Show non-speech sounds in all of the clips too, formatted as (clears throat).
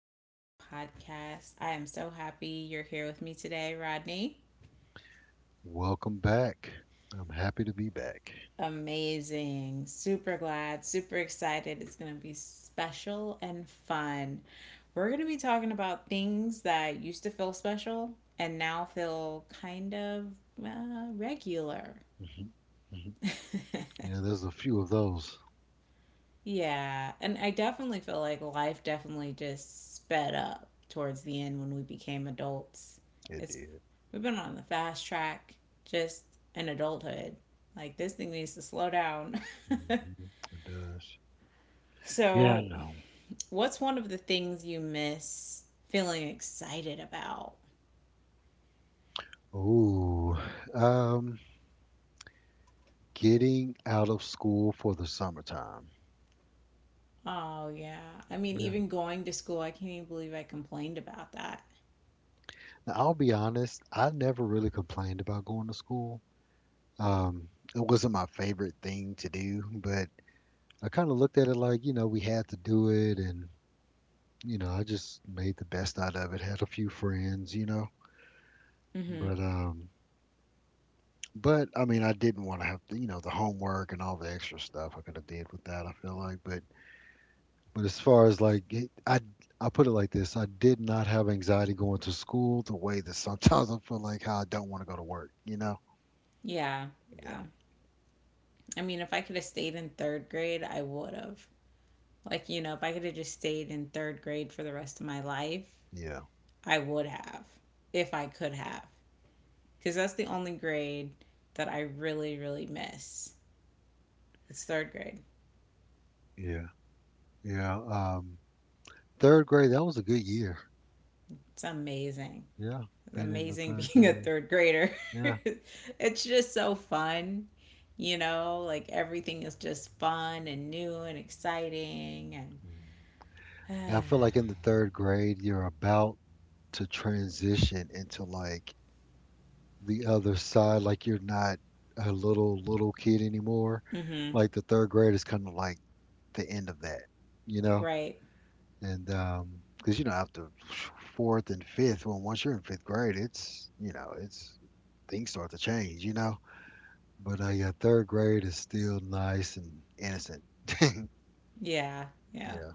WFM podcast. I am so happy you're here with me today, Rodney. Welcome back. I'm happy to be back. Amazing. Super glad, super excited. It's going to be special and fun. We're going to be talking about things that used to feel special and now feel kind of regular. hmm hmm Yeah, (laughs) there's a few of those. Yeah, and I definitely feel like life definitely just sped up towards the end when we became adults. It It's did. we've been on the fast track just in adulthood. Like this thing needs to slow down. (laughs) hmm It does. Yeah, I so, know. what's one of the things you miss feeling excited about? Ooh, um, Getting out of school for the summertime. Oh, yeah. I mean, Yeah. even going to school, I can't even believe I complained about that. Now, I'll be honest, I never really complained about going to school. Um, it wasn't my favorite thing to do, but I kind of looked at it like, you know, we had to do it, and you know, I just made the best out of it. Had a few friends, you know, Mhm. but um, But, I mean, I didn't wanna have to you know, the homework and all the extra stuff I coulda did with that, I feel like, but as far as, like, it I put it like this, I did not have anxiety going to school the way that sometimes I feel like how I don't wanna go to work, you know? Yeah. Yeah, Yeah. I mean, if I could have stayed in 3rd grade, I would have. Like, you know, if I could have just stayed in third grade for the rest of my life, yeah, I would have, if I could have. Because that's the only grade that I really, really miss. It's third grade. yeah, yeah, um, 3rd grade, that was a good year. It's amazing. Yeah, It's being in the amazing (laughs) 3rd being a grade. third grader. (laughs) Yeah. it's just so fun. You know, like everything is just fun and new and exciting and Mm. Yeah, I feel like (sighs) in the 3rd grade, you're about to transition into, like, the other side, like you're not a little kid anymore. uh mhm. Like the third grade is kind of like the end of that, you know. Right. And Because you know after fourth and fifth, when once you're in fifth grade, it's you know it's things start to change, you know. But Yeah, third grade is still nice and innocent. (clears throat) (laughs) Yeah. Yeah. Yeah.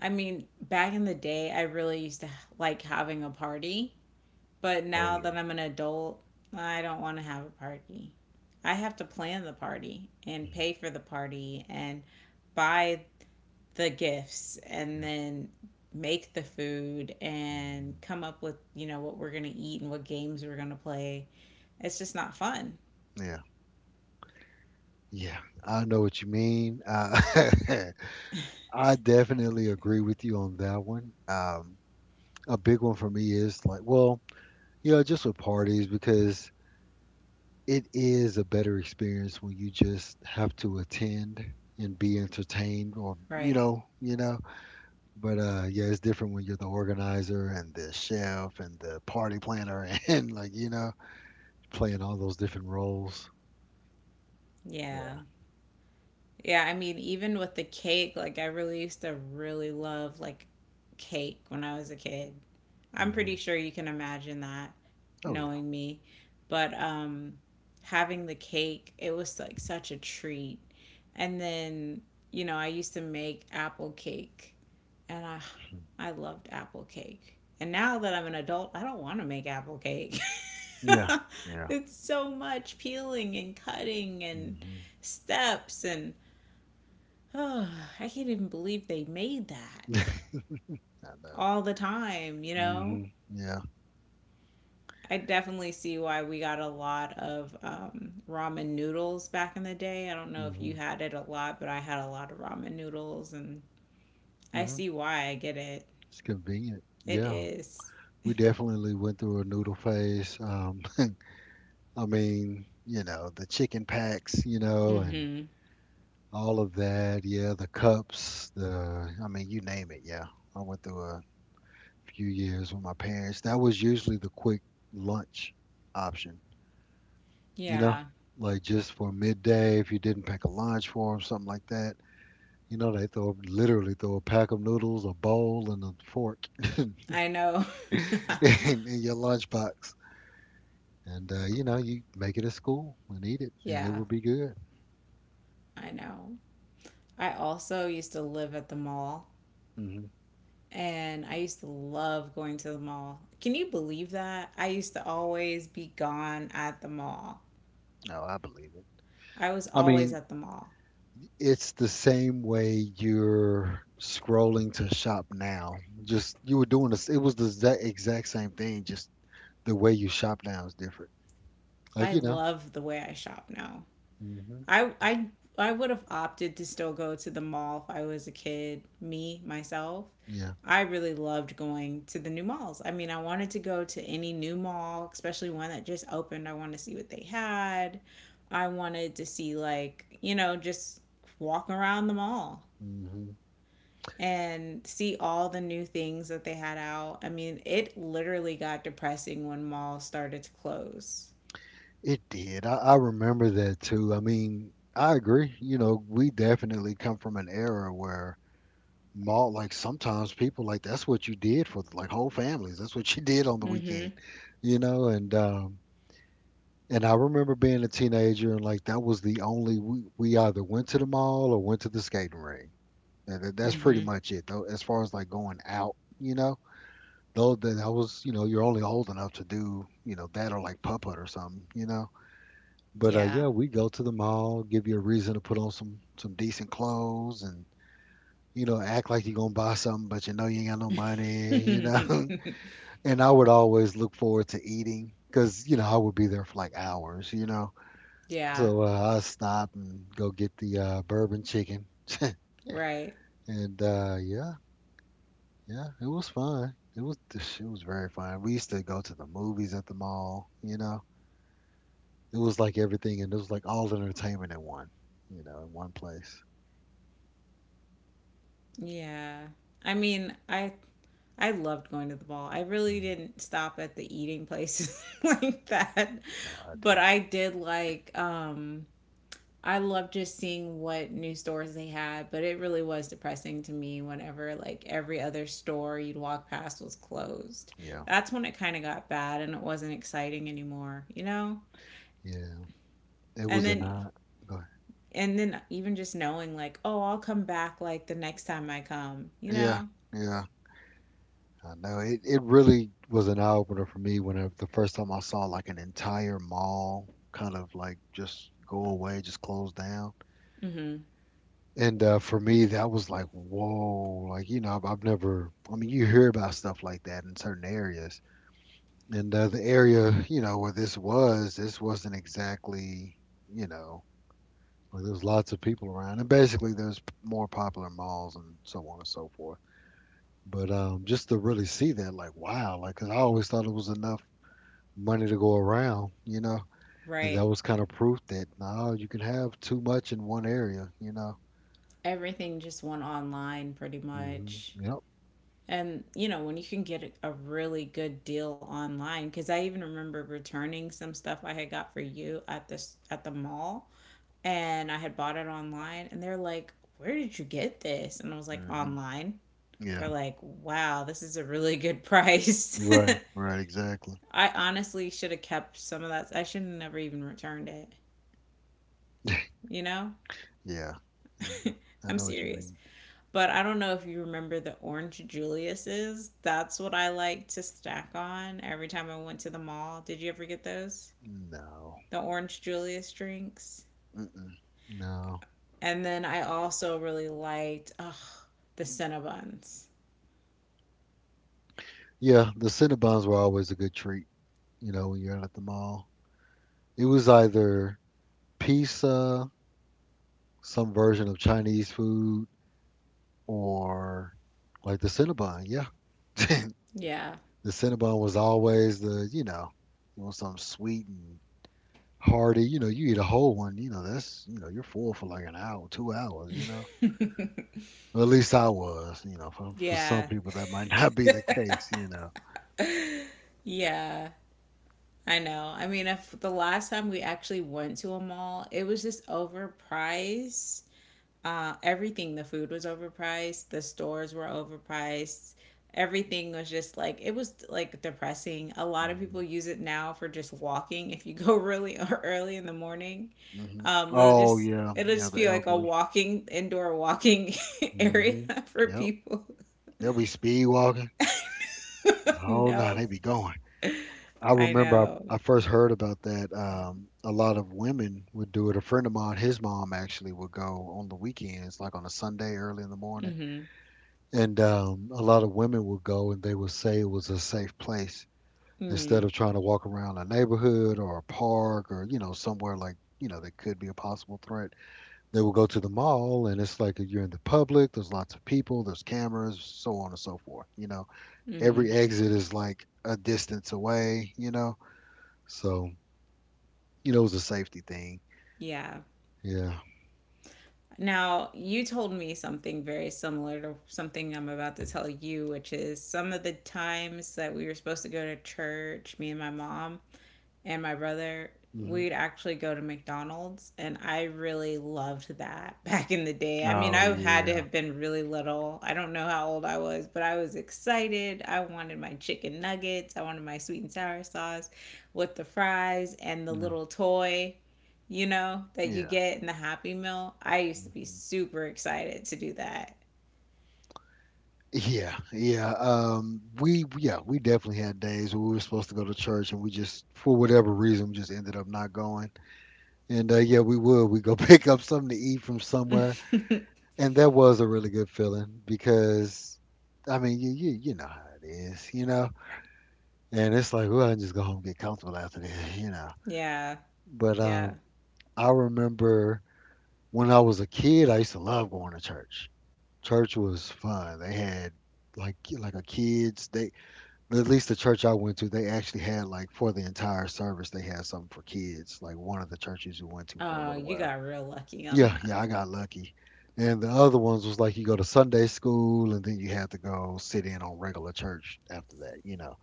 I mean, back in the day, I really used to like having a party. But Oh now yeah. that I'm an adult, I don't want to have a party. I have to plan the party and Mhm. pay for the party and buy the gifts and Yep. then make the food and Mhm. come up with, you know, what we're going to eat and what games we're going to play. It's just not fun. Yeah. Yeah. I know what you mean. (laughs) I definitely agree with you on that one. A big one for me is like, well, you know, just with parties because it is a better experience when you just have to attend and be entertained or you Right. know, you know. But Yeah, it's different when you're the organizer and the chef and the party planner (laughs) and like, you know, playing all those different roles. Yeah. Yeah. Yeah, I mean, even with the cake, like I really used to really love like cake when I was a kid. I'm pretty hmm sure you can imagine that Oh yeah. knowing me. But having the cake, it was like such a treat. And then, you know, I used to make apple cake and I Mhm. I loved apple cake. And now that I'm an adult, I don't want to make apple cake. Yeah. (laughs) Yeah. it's so much peeling and cutting and hmm steps and (sighs) oh, I can't even believe they made that (laughs) I know. all the time, you know? hmm Yeah. I definitely see why we got a lot of ramen noodles back in the day. I don't know if you hmm had it a lot, but I had a lot of ramen noodles, and I hmm see why. I get it. It's convenient. It Yeah. is. We definitely went through a noodle phase. (laughs) I mean, you know, the chicken packs, you know, and Mm-hmm. all of that. Yeah, the cups, the, I mean, you name it. Yeah. I went through a few years with my parents. That was usually the quick lunch option, you know, Yeah, like just for midday if you didn't pack a lunch for them, something like that. You know, they throw literally throw a pack of noodles, a bowl, and a fork (laughs) in, I know. (laughs) in your lunchbox. And You know, you make it at school and eat it, and it Yeah, will be good. I know. I also used to live at the mall, hmm and I used to love going to the mall. Can you believe that? I used to always be gone at the mall. No, I believe it. I was I always mean, at the mall. it's the same way you're scrolling to shop now. Just you were doing this. It was the exact same thing. Just the way you shop now is different. Like I you know. love the way I shop now. hmm I I I would have opted to still go to the mall if I was a kid, me myself. Yeah. I really loved going to the new malls. I mean, I wanted to go to any new mall, especially one that just opened. I wanted to see what they had. I wanted to see like, you know, just walk around the mall hmm and see all the new things that they had out. I mean, it literally got depressing when malls started to close. It did. I remember that too. I mean, I agree. You know, we definitely come from an era where mall like, sometimes people, like, that's what you did for, like, whole families, that's what (laughs) you did on the weekend, Mhm. you know, and I remember being a teenager, and, like, that was the only we either went to the mall or went to the skating ring and that's pretty Mhm. much it, though, as far as, like, going out, you know? Though that I was you know, you're only old enough to do, you know, that or, like, puppet or something, you know? But, Yeah. yeah, we go to the mall, give you a reason to put on some decent clothes and you know, act like you're gonna buy something, but you know you ain't got no money, you know. (laughs) (laughs) And I would always look forward to eating because you know I would be there for like hours, you know. Yeah, I stop and go get the bourbon chicken, (laughs) right. and uh, yeah, yeah, it was fun. It was very fun. We used to go to the movies at the mall, you know. It was like everything, and it was like all entertainment in one, you know, in one place. Yeah. I mean, I loved going to the ball. I really Mm, didn't stop at the eating places (laughs) like that, No, I but did. I did like I loved just seeing what new stores they had, but it really was depressing to me whenever like every other store you'd walk past was closed. Yeah, That's when it kind of got bad and it wasn't exciting anymore, you know? yeah. It And was a then night. Go ahead. and then even just knowing like, oh, I'll come back like the next time I come, you Yeah, know? yeah. I know, it really was an eye opener for me whenever the first time I saw like an entire mall kind of like just go away, just close down. Mm-hmm. And For me, that was like, whoa, like, you know, I've never, I mean, you hear about stuff like that in certain areas. And The area, you know, where this was, this wasn't exactly, you know, like there was lots of people around. And basically, there's more popular malls and so on and so forth. But Just to really see that, like, wow, like, 'cause I always thought it was enough money to go around, you know. And Right. that was kind of proof that no, you can have too much in one area, you know. Everything just went online pretty hmm much. Yep. And, you know, when you can get a really good deal online, because I even remember returning some stuff I had got for you at this at the mall and I had bought it online and they're like, "Where did you get this?" And I was like, hmm "Online." They're Yeah. like, "Wow, this is a really good price." Right. Right. Exactly. (laughs) I honestly should have kept some of that. I should have never even returned it. (laughs) You know? Yeah. (laughs) Yeah. I I'm know what you serious. mean. But I don't know if you remember the orange Julius's. That's what I like to stack on every time I went to the mall. Did you ever get those? No. The orange Julius drinks. Mm-mm. No. And then I also really liked oh, the Cinnabons. Yeah. The Cinnabons were always a good treat, you know, when you're out at the mall. It was either pizza, some version of Chinese food, or like the Cinnabon. Yeah. (laughs) Yeah. The Cinnabon was always the, you know, you want something sweet and hearty. You know, you eat a whole one, you know, that's, you know, you're full for like an hour, 2 hours, you know. (laughs) Well, at least I was, you know, for some yeah. people that might (laughs) not be the case, you know. Yeah. I know. I mean, if the last time we actually went to a mall, it was just overpriced. Everything, the food was overpriced, the stores were overpriced. Everything was just like it was like depressing. A lot of hmm people use it now for just walking. If you go really (laughs) early in the morning, hmm Oh, yeah. it'll Yeah, just the be like a elderly. walking indoor walking (laughs) area hmm for Yep. people. They'll be speed walking. (laughs) Oh, no, no, they be going. I I remember know. I first heard about that. A lot of women would do it. A friend of mine, his mom actually would go on the weekends, like on a Sunday early in the morning. Mhm. And A lot of women would go and they would say it was a safe place instead Mhm. of trying to walk around a neighborhood or a park or, you know, somewhere like, you know, that could be a possible threat. They would go to the mall and it's like you're in the public, there's lots of people, there's cameras, so on and so forth. You know, every Mhm. exit is like a distance away, you know? So, you know, it was a safety thing. Yeah. Yeah. Now, you told me something very similar to something I'm about to tell you, which is some of the times that we were supposed to go to church, me and my mom, and my brother, hmm we'd actually go to McDonald's, and I really loved that (laughs) back in the day. I mean, Oh I had to yeah. have been really little. I don't know how old I was, but I was excited. I wanted my chicken nuggets, I wanted my sweet and sour sauce with the fries and the Yeah. little toy, you know, that you Yeah. get in the Happy Meal. I used to be hmm super excited to do that. Yeah, yeah. We Yeah, we definitely had days where we were supposed to go to church and we just for whatever reason we just ended up not going. And Yeah, we would we go (laughs) pick up something to eat from somewhere, (laughs) and that was a really good feeling because I mean you know how it is, you know. And it's like well, I can just go home and get comfortable after this, you know. yeah, But yeah. I remember when I was a kid, I used to love going to church. Church was fun. They had like a kids they at least the church I went to, they actually had like for the entire service, they had something for kids. Like one of the churches we went to for a Oh, little you while. got real lucky on Yeah, that. yeah, I got lucky. And the other ones was like you go to Sunday school and then you have to go sit in on regular church after that, you know.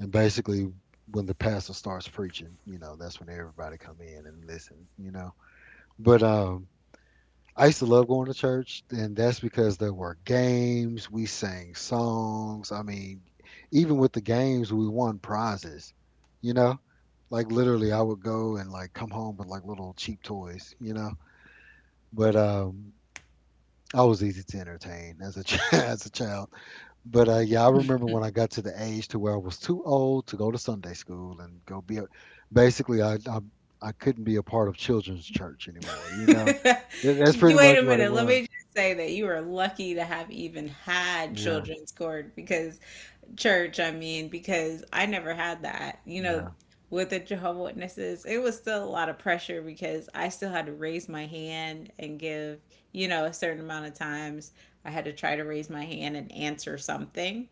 And basically when the pastor starts preaching, you know, that's when everybody come in and listen, you know. But I used to love going to church, and that's because there were games. We sang songs. I mean, even with the games, we won prizes. You know, like literally, I would go and like come home with like little cheap toys. You know, but I was easy to entertain as a (laughs) as a child. But Yeah, I remember when I got to the age to where I was too old to go to Sunday school and go be. A, basically, I couldn't be a part of children's church anymore. You know, (laughs) that- that's pretty Wait much a what it minute. Let was. me just say that you are lucky to have even had Yeah. children's court because church, I mean, because I never had that. You know, Yeah. with the Jehovah Witnesses, it was still a lot of pressure because I still had to raise my hand and give, you know, a certain amount of times I had to try to raise my hand and answer something.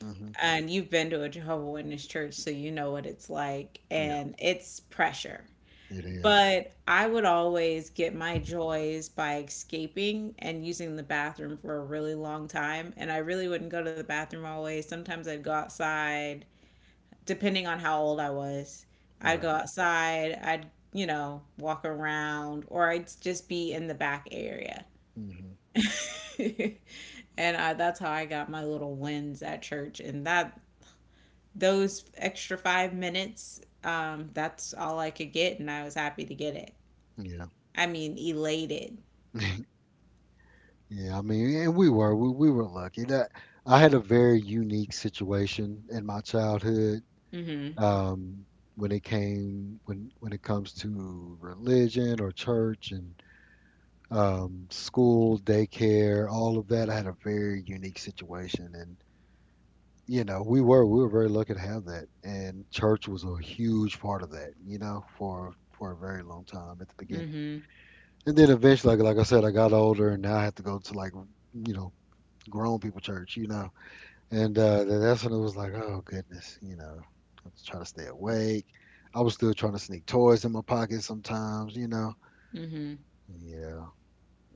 hmm And you've been to a Jehovah Witness church, so you know what it's like, Yeah. and it's pressure. It is. But I would always get my joys by escaping and using the bathroom for a really long time. And I really wouldn't go to the bathroom always. Sometimes I'd go outside, depending on how old I was. I'd go Right. outside, I'd, you know, walk around, or I'd just be in the back area. hmm (laughs) and I, that's how I got my little wins at church. And that, those extra 5 minutes, that's all I could get. And I was happy to get it. Yeah. I mean, elated. Yeah, I mean, and we were lucky that I had a very unique situation in my childhood Mm-hmm. um, when it came when it comes to religion or church and school, daycare, all of that. I had a very unique situation, and you know, we were very lucky to have that, and church was a huge part of that, you know, for a very long time at the beginning. Mm-hmm. And then eventually, like I said, I got older and now I have to go to, like, you know, grown people church. And that's when it was like, oh goodness, I was trying to stay awake. I was still trying to sneak toys in my pocket sometimes. Mm-hmm. Yeah,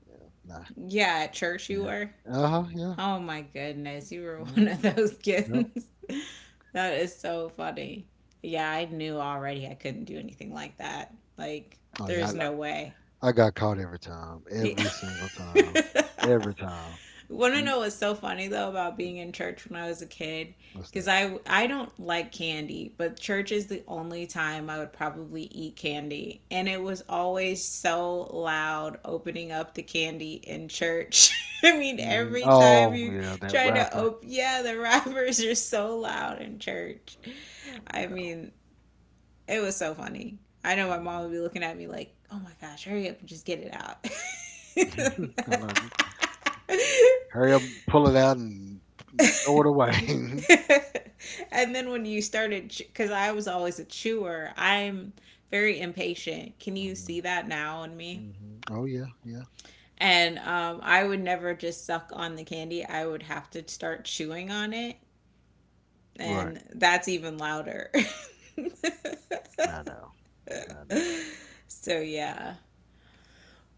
yeah, nah, Yeah, at church you yeah. were? Uh-huh, yeah, Oh my goodness, you were (laughs) yeah, one of those yep. kids. (laughs) that is so funny. Yeah, I knew already I couldn't do anything like that. Like, Oh yeah, there's no way. I got caught every time, every single time, every time. (laughs) Want to Mm. know what's so funny though about being in church when I was a kid? What's Because that? I don't like candy, but church is the only time I would probably eat candy, and it was always so loud opening up the candy in church. (laughs) I mean, every time Oh you yeah, that try to rapper. open, yeah, the (laughs) wrappers are so loud in church. I Oh, mean, it was so funny. I know my mom would mhm. be looking at me like, "Oh my gosh, hurry up and just get it out." (laughs) I know. Just hurry up, pull it out, and (laughs) throw (laughs) it away. (laughs) (laughs) and then when you started, because I was always a chewer, I'm very impatient. Can you see that hmm now in me? Oh yeah, yeah. And I would never just suck on the candy. I would have to start chewing on it. Right. And that's even louder. I know. I know. (laughs) so, yeah.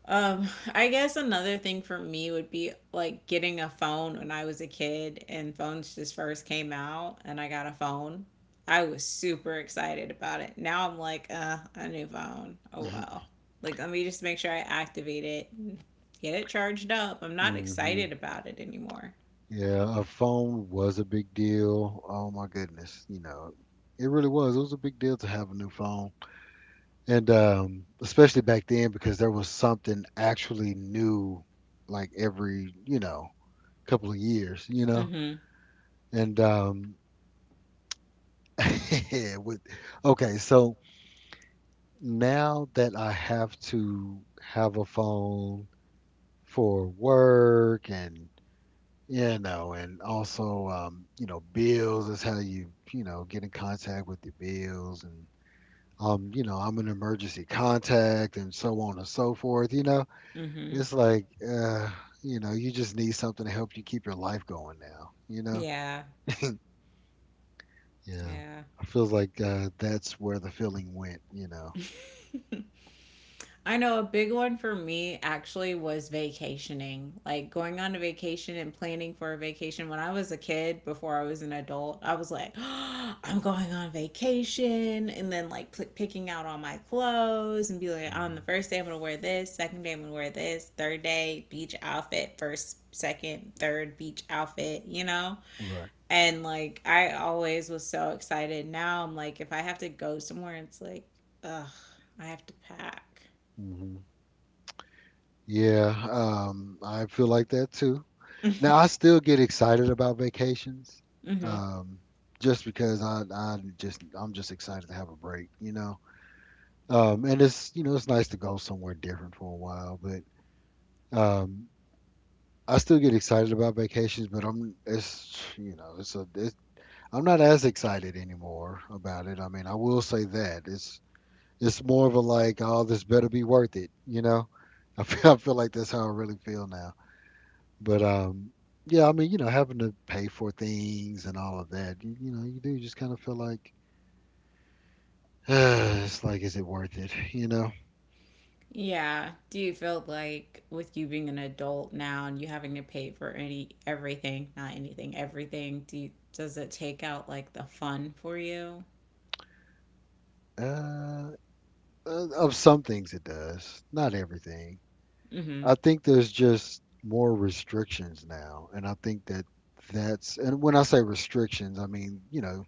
Um, (laughs) I guess another thing for me would be like getting a phone when I was a kid and phones just first came out and I got a phone. I was super excited about it. Now I'm like, a new phone. Oh well. Like let me just make sure I activate it and get it charged up. I'm (laughs) not hmm excited about it anymore. Yeah, a phone was a big deal. Oh my goodness, it really was. It was a big deal to have a new phone, and especially back then because there was something actually new, like every couple of years, Mm-hmm. and (laughs) with okay, so now that I have to have a phone for work and also, bills is how you you know get in contact with your bills, and I'm an emergency contact and so on and so forth. Mm-hmm. It's like, you just need something to help you keep your life going now. Yeah. Yeah, Yeah. I feels like, that's where the feeling went. (laughs) I know a big one for me actually was vacationing, like going on a vacation and planning for a vacation. When I was a kid, before I was an adult, I was like, (gasps) I'm going on vacation, and then like picking out all my clothes and be like, "Oh, on the Hmm, first day I'm gonna wear this, second day I'm gonna wear this, third day beach outfit, first, second, third beach outfit, you know?" right. And like I always was so excited. Now I'm like, if I have to go somewhere, it's like, ugh, I have to pack. Hmm, yeah. I feel like that too. Now I (laughs) still get excited about vacations, hmm. um, just because I'm just excited to have a break. And it's you know it's nice to go somewhere different for a while, but um, I still get excited about vacations, but I'm it's you know it's a it's, I'm not as excited anymore about it. I mean, I will say that it's more of a, like, oh, this better be worth it. (laughs) I feel like that's how I really feel now. But yeah, I mean, having to pay for things and all of that, you do just kind of feel like, (sighs) it's like, is it worth it? (laughs) Yeah. Do you feel like with you being an adult now and you having to pay for any everything, not anything, everything, does it take out like the fun for you? uh, of some things it does, not everything. I Hmm. think there's just more restrictions now, and I think that, that's, and when I say restrictions, I mean,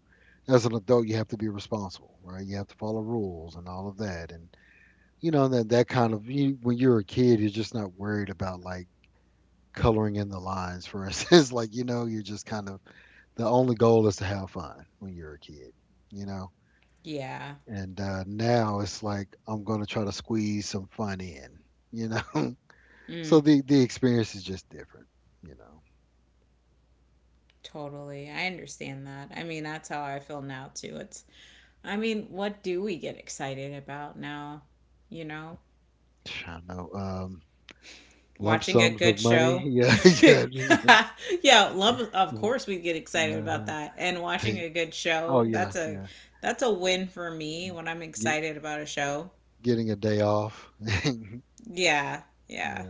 as an adult, you have to be responsible, right? You have to follow rules and all of that, and you know that that kind of, you, when you're a kid, you're just not worried about, like, coloring in the lines, for instance. (laughs) Like, you're just kind of, the only goal is to have fun when you're a kid, you know? Yeah. And now it's like I'm going to try to squeeze some fun in, you know? (laughs) So Mm, the experience is just different, you know? totally. I understand that. I mean, that's how I feel now too. It's I mean, what do we get excited about now, you know? I know. Lump Watching a sums of good money. (laughs) show. Yeah. (laughs) Yeah, love, of Yeah. course we get (laughs) excited about uh that. And watching hey. a good Oh, show, yeah. Yeah. that's a win for me when I'm Get, excited about a show. getting a day off. (laughs) Yeah. Yeah, yeah,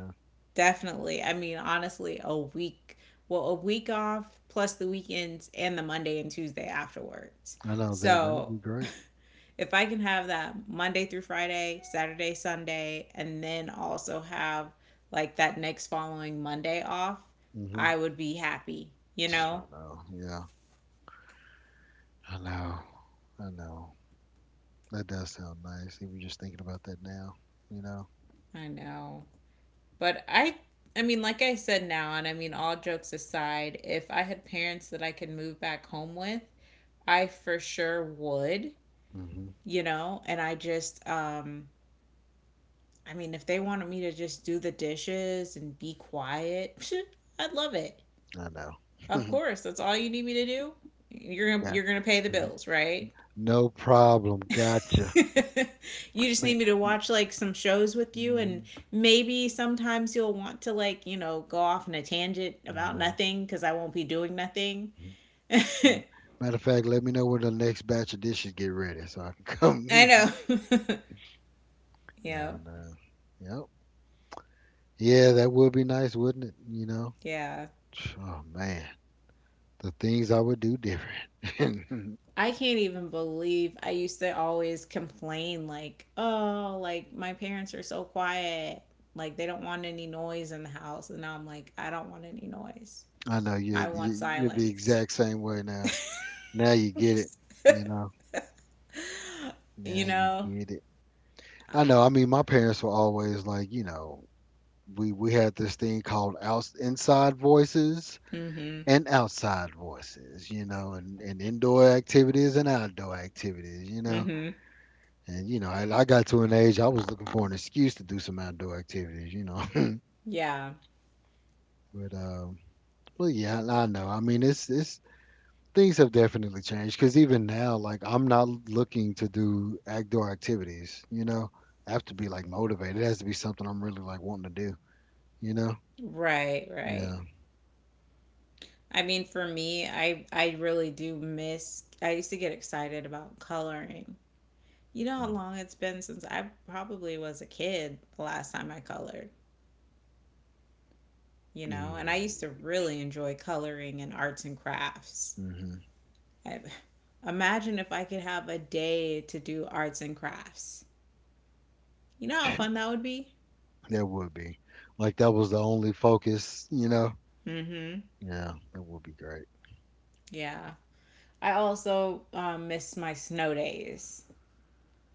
definitely. I mean, honestly, well, a week off plus the weekends and the Monday and Tuesday afterwards. I know that that would So, be great. if I can have that Monday through Friday, Saturday, Sunday, and then also have like that next following Monday off, Hmm. I would be happy, you know? I know. Yeah. I know. I know. That does sound nice. Even just thinking about that now, you know. I know. But I mean, like I said now, and I mean all jokes aside, if I had parents that I could move back home with, I for sure would, hmm you know? And I just I mean, if they wanted me to just do the dishes and be quiet, (laughs) I'd love it. I know. Of (laughs) course, that's all you need me to do. Yeah. You're gonna pay the Mhm. bills, right? No problem. Gotcha. (laughs) You just Ma- need me to watch like some shows with you, and mhm. maybe sometimes you'll want to like go off on a tangent I about know. nothing because I won't be doing nothing. Mhm. (laughs) I M- Matter of fact, let me know when the next batch of dishes get ready so I can know. come. (laughs) (laughs) Yeah, No, no. Yep. Yeah, that would be nice, wouldn't it? You know. yeah. (tsk) Oh man, the things I would do different. I can't even believe I used to always complain like, oh, like my parents are so quiet, like they don't want any noise in the house, and now I'm like, I don't want any noise. (laughs) I know you're I want you're the silence. exact same way now. Now you get it, you know. You Now you know? get it. I know. I mean, my parents were always like, we had this thing called outs, inside voices Mm hmm. and outside voices, and indoor activities and outdoor activities, you Mm know. hmm. And I got to an age I was looking for an excuse to do some outdoor activities. (laughs) Yeah. but um, but yeah, I know. I mean, it's things have definitely changed because even now, like, I'm not looking to do outdoor activities. I have to be, like, motivated. It has to be something I'm really, like, wanting to do. You know? Right, right. Yeah. I mean, for me, I really do miss. I used to get excited about coloring. You know how Uh, long it's been since I probably was a kid the last time I colored. You e, know, and I used to really enjoy coloring and arts and crafts. Mm-hmm. I, Imagine if I could have a day to do arts and crafts. You know how fun that would be. (laughs) That would be, like, that was the only focus. You know? Mm-hmm. Yeah, that would be great. Yeah. I also miss my snow days.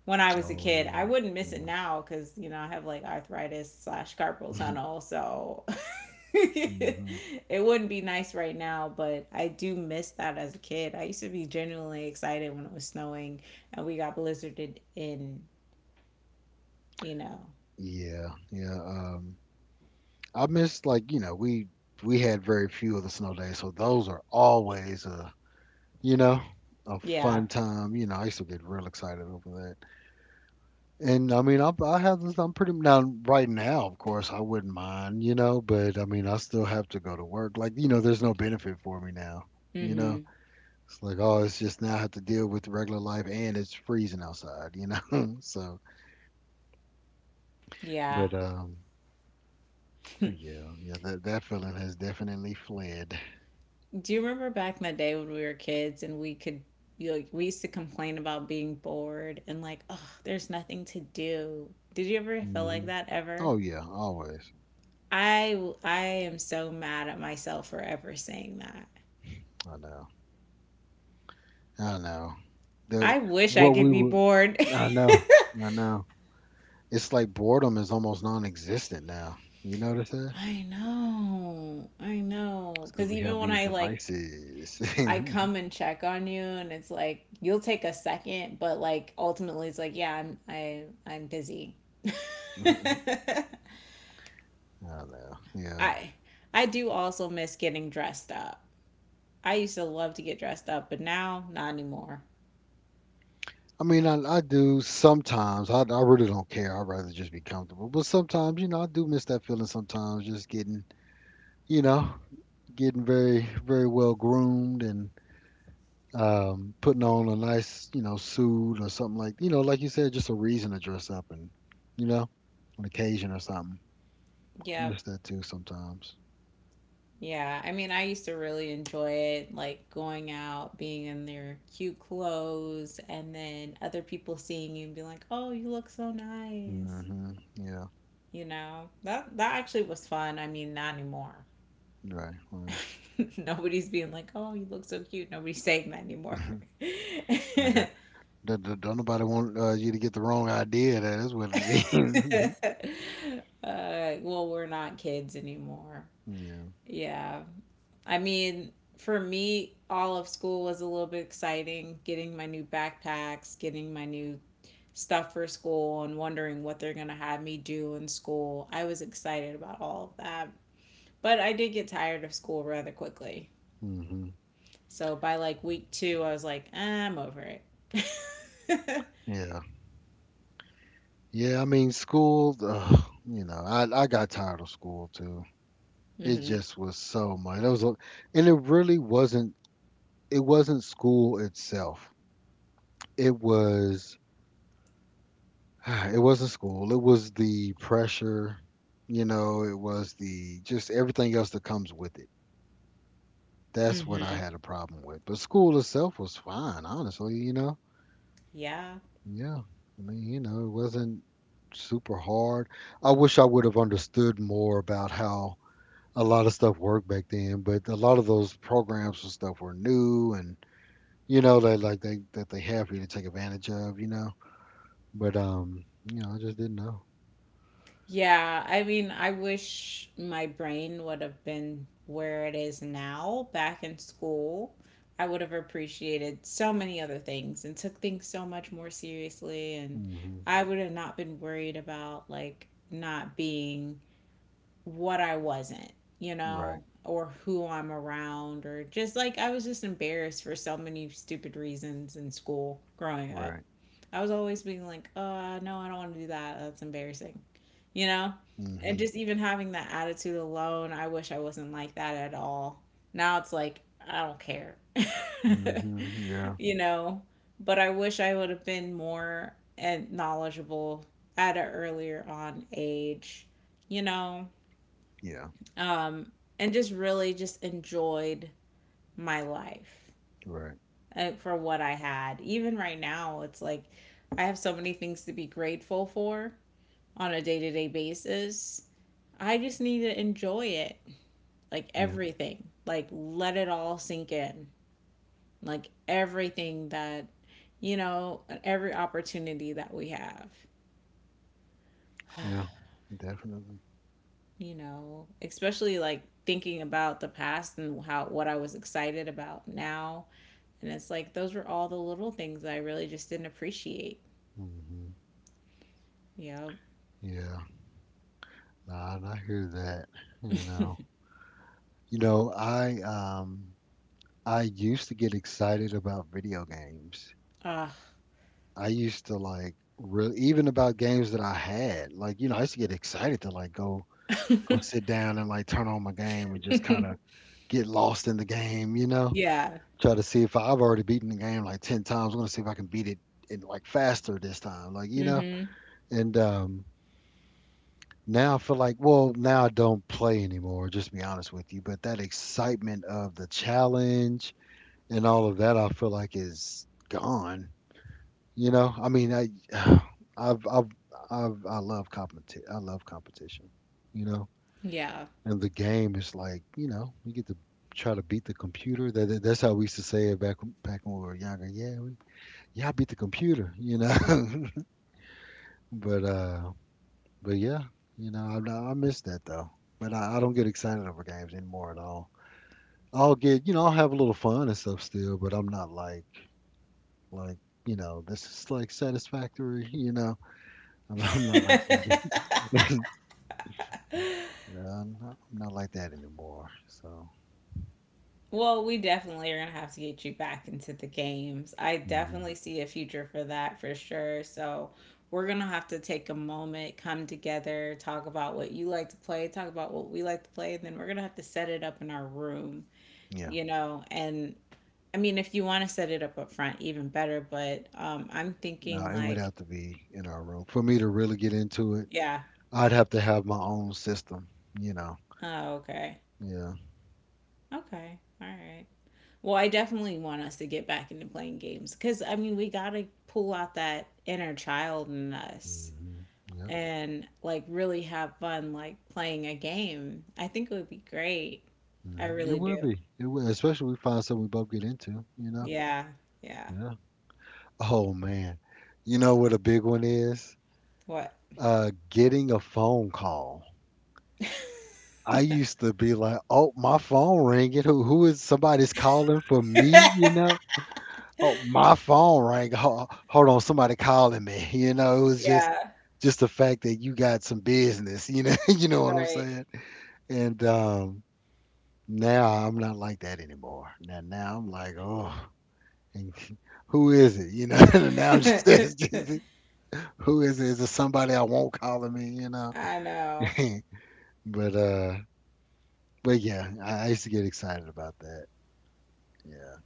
When I was a Oh kid, I yeah, wouldn't miss it now because you know I have like arthritis slash carpal yeah. (laughs) tunnel, so (laughs) hmm it wouldn't be nice right now. But I do miss that as a kid. I used to be genuinely excited when it was snowing and we got blizzarded in. You know, Yeah, yeah. I miss, like, we had very few of the snow days, so those are always you know, a yeah, fun time. I used to get real excited over that. And I mean, I have this, now, right now, of course, I wouldn't mind, but I mean, I still have to go to work. Like, there's no benefit for me now, you mm-hmm, know? It's like, oh, it's just now I have to deal with regular life and it's freezing outside, you know? (laughs) So, yeah. but, um, but (laughs) yeah, yeah, that feeling has definitely fled. Do you remember back in the day when we were kids and we could, you know, we used to complain about being bored and like, oh, there's nothing to do. Did you ever feel like hmm that ever? Oh, yeah, always. I am so mad at myself for ever saying that. I know. I know. The I wish I what could we be would bored. I know. I know. It's like boredom is almost non-existent now. You notice that? (laughs) I know. I know. It's because Cuz we even have when these I, like, devices. (laughs) I I come and check on you and it's like you'll take a second, but like ultimately it's like, yeah, I'm busy. (laughs) know. Yeah. I I do also miss getting dressed up. I used to love to get dressed up, but now not anymore. I mean, I do sometimes. I really don't care. I'd rather just be comfortable. But sometimes, I do miss that feeling sometimes, just you know, getting very, very well groomed and, putting on a nice, suit or something, like, like you said, just a reason to dress up, and you know, an occasion or something. I Yep. miss that too sometimes. Yeah. I mean, I used to really enjoy it, like going out, being in their cute clothes, and then other people seeing you and being like, "Oh, you look so nice." Yeah. You know that that actually was fun. I mean, not anymore. Right. Right. (laughs) Nobody's being like, "Oh, you look so cute." Nobody's saying that anymore. (laughs) (laughs) I don't nobody want, you to get the wrong idea. That is what it is. (laughs) Well, we're not kids anymore. Yeah. Yeah. I mean, for me, all of school was a little bit exciting getting my new backpacks, getting my new stuff for school, and wondering what they're going to have me do in school. I was excited about all of that. But I did get tired of school rather quickly. hmm So by like week two, I was like, "Ah, I'm over it." (laughs) Yeah. Yeah. I mean, school. I got tired of school too. It Hmm. just was so much. It was, and it really wasn't. It wasn't school itself. It was, (sighs) it wasn't school. It was the pressure. It was the just everything else that comes with it. That's what I Hmm. had a problem with. But school itself was fine, honestly. Yeah. Yeah. I mean, it wasn't super hard. I wish I would have understood more about how a lot of stuff worked back then, but a lot of those programs and stuff were new, and you know that, like, they, that they have for you to take advantage of. But I just didn't know. Yeah, I mean, I wish my brain would have been where it is now, back in school. I would have appreciated so many other things and took things so much more seriously. And Mm-hmm. I would have not been worried about like not being what I wasn't, you Right. know, or who I'm around, or just like I was just embarrassed for so many stupid reasons in school growing up. Right. I was always being like, oh, no, I don't want to do that. That's embarrassing, you know? And Mhm. just even having that attitude alone, I wish I wasn't like that at all. Now it's like, I don't care, Mhm. Yeah. (laughs) you know? But I wish I would have been more and knowledgeable at an earlier on age, you know Yeah. um, and just really just enjoyed my life Right. For what I had. Even right now, it's like I have so many things to be grateful for on a day to day basis. I just need to enjoy it, like Yeah. everything, like let it all sink in, like everything that, you know, every opportunity that we have, Yeah. Definitely. you know, especially like thinking about the past and how what I was excited about now. And it's like those were all the little things I really just didn't appreciate, Mhm. you Yeah. Nah, and I hear that. You know. (laughs) know. You know. I used to get excited about video games. Ah. I used to like real even about games that I had. Like, I used to get excited to, like, go (laughs) sit down and, like, turn on my game and just kind of get lost in the game. You know. Yeah. Try to see if I've already beaten the game like 10 times. I'm going to see if I can beat it in, like, faster this time. Like, you know, Mhm. and Now I feel like, well, now I don't play anymore, just to be honest with you. But that excitement of the challenge and all of that, I feel like, is gone. I mean, I, (sighs) I've, I've, I love competition. I love competition, you know, Yeah. and the game is like, you get to try to beat the computer. That, that's how we used to say it back when we were younger. Yeah, we. Yeah, I beat the computer. (laughs) but uh, but yeah, I miss that though. But I don't get excited over games anymore at all. I'll get, you know, I'll have a little fun and stuff still, but I'm not like this is like satisfactory. (laughs) I'm, (laughs) I'm not like that. (laughs) No, I'm not like that anymore. So, Well, we definitely are gonna have to get you back into the games. I mhm, definitely see a future for that for sure. So we're gonna have to take a moment, come together, talk about what you like to play, talk about what we like to play, and then we're gonna have to set it up in our room, yeah, you know. And I mean, if you want to set it up up front, even better. But I'm no, thinking it would like. have to be in our room for me to really get into it. Yeah. I'd have to have my own system, you know. Oh, okay. Yeah. Okay. All right. Well, I definitely want us to get back into playing games because, I mean, we got to pull out that inner child in us hmm Yep. and, like, really have fun, like, playing a game. I think it would be great. I Mhm. It really would do. be. It would, especially if we find something we both get into, you know? Yeah. Yeah. Yeah. Oh man. You know what a big one is? What? (laughs) Getting a phone call. I used to be like, "Oh, my phone ringing. Who is, somebody's calling for me, you know? Oh, my phone rang. Hold on, somebody calling me." (laughs) It was just Yeah. just the fact that you got some business, (laughs) you know what I'm Right. saying? And now I'm not like that anymore. Now I'm like, "Oh," and (laughs) who is it? (laughs) Now I'm just (laughs) asking, who is it? Is it somebody I won't call me? (laughs) I know. (laughs) but uh, but yeah, I used to get excited about that. Yeah,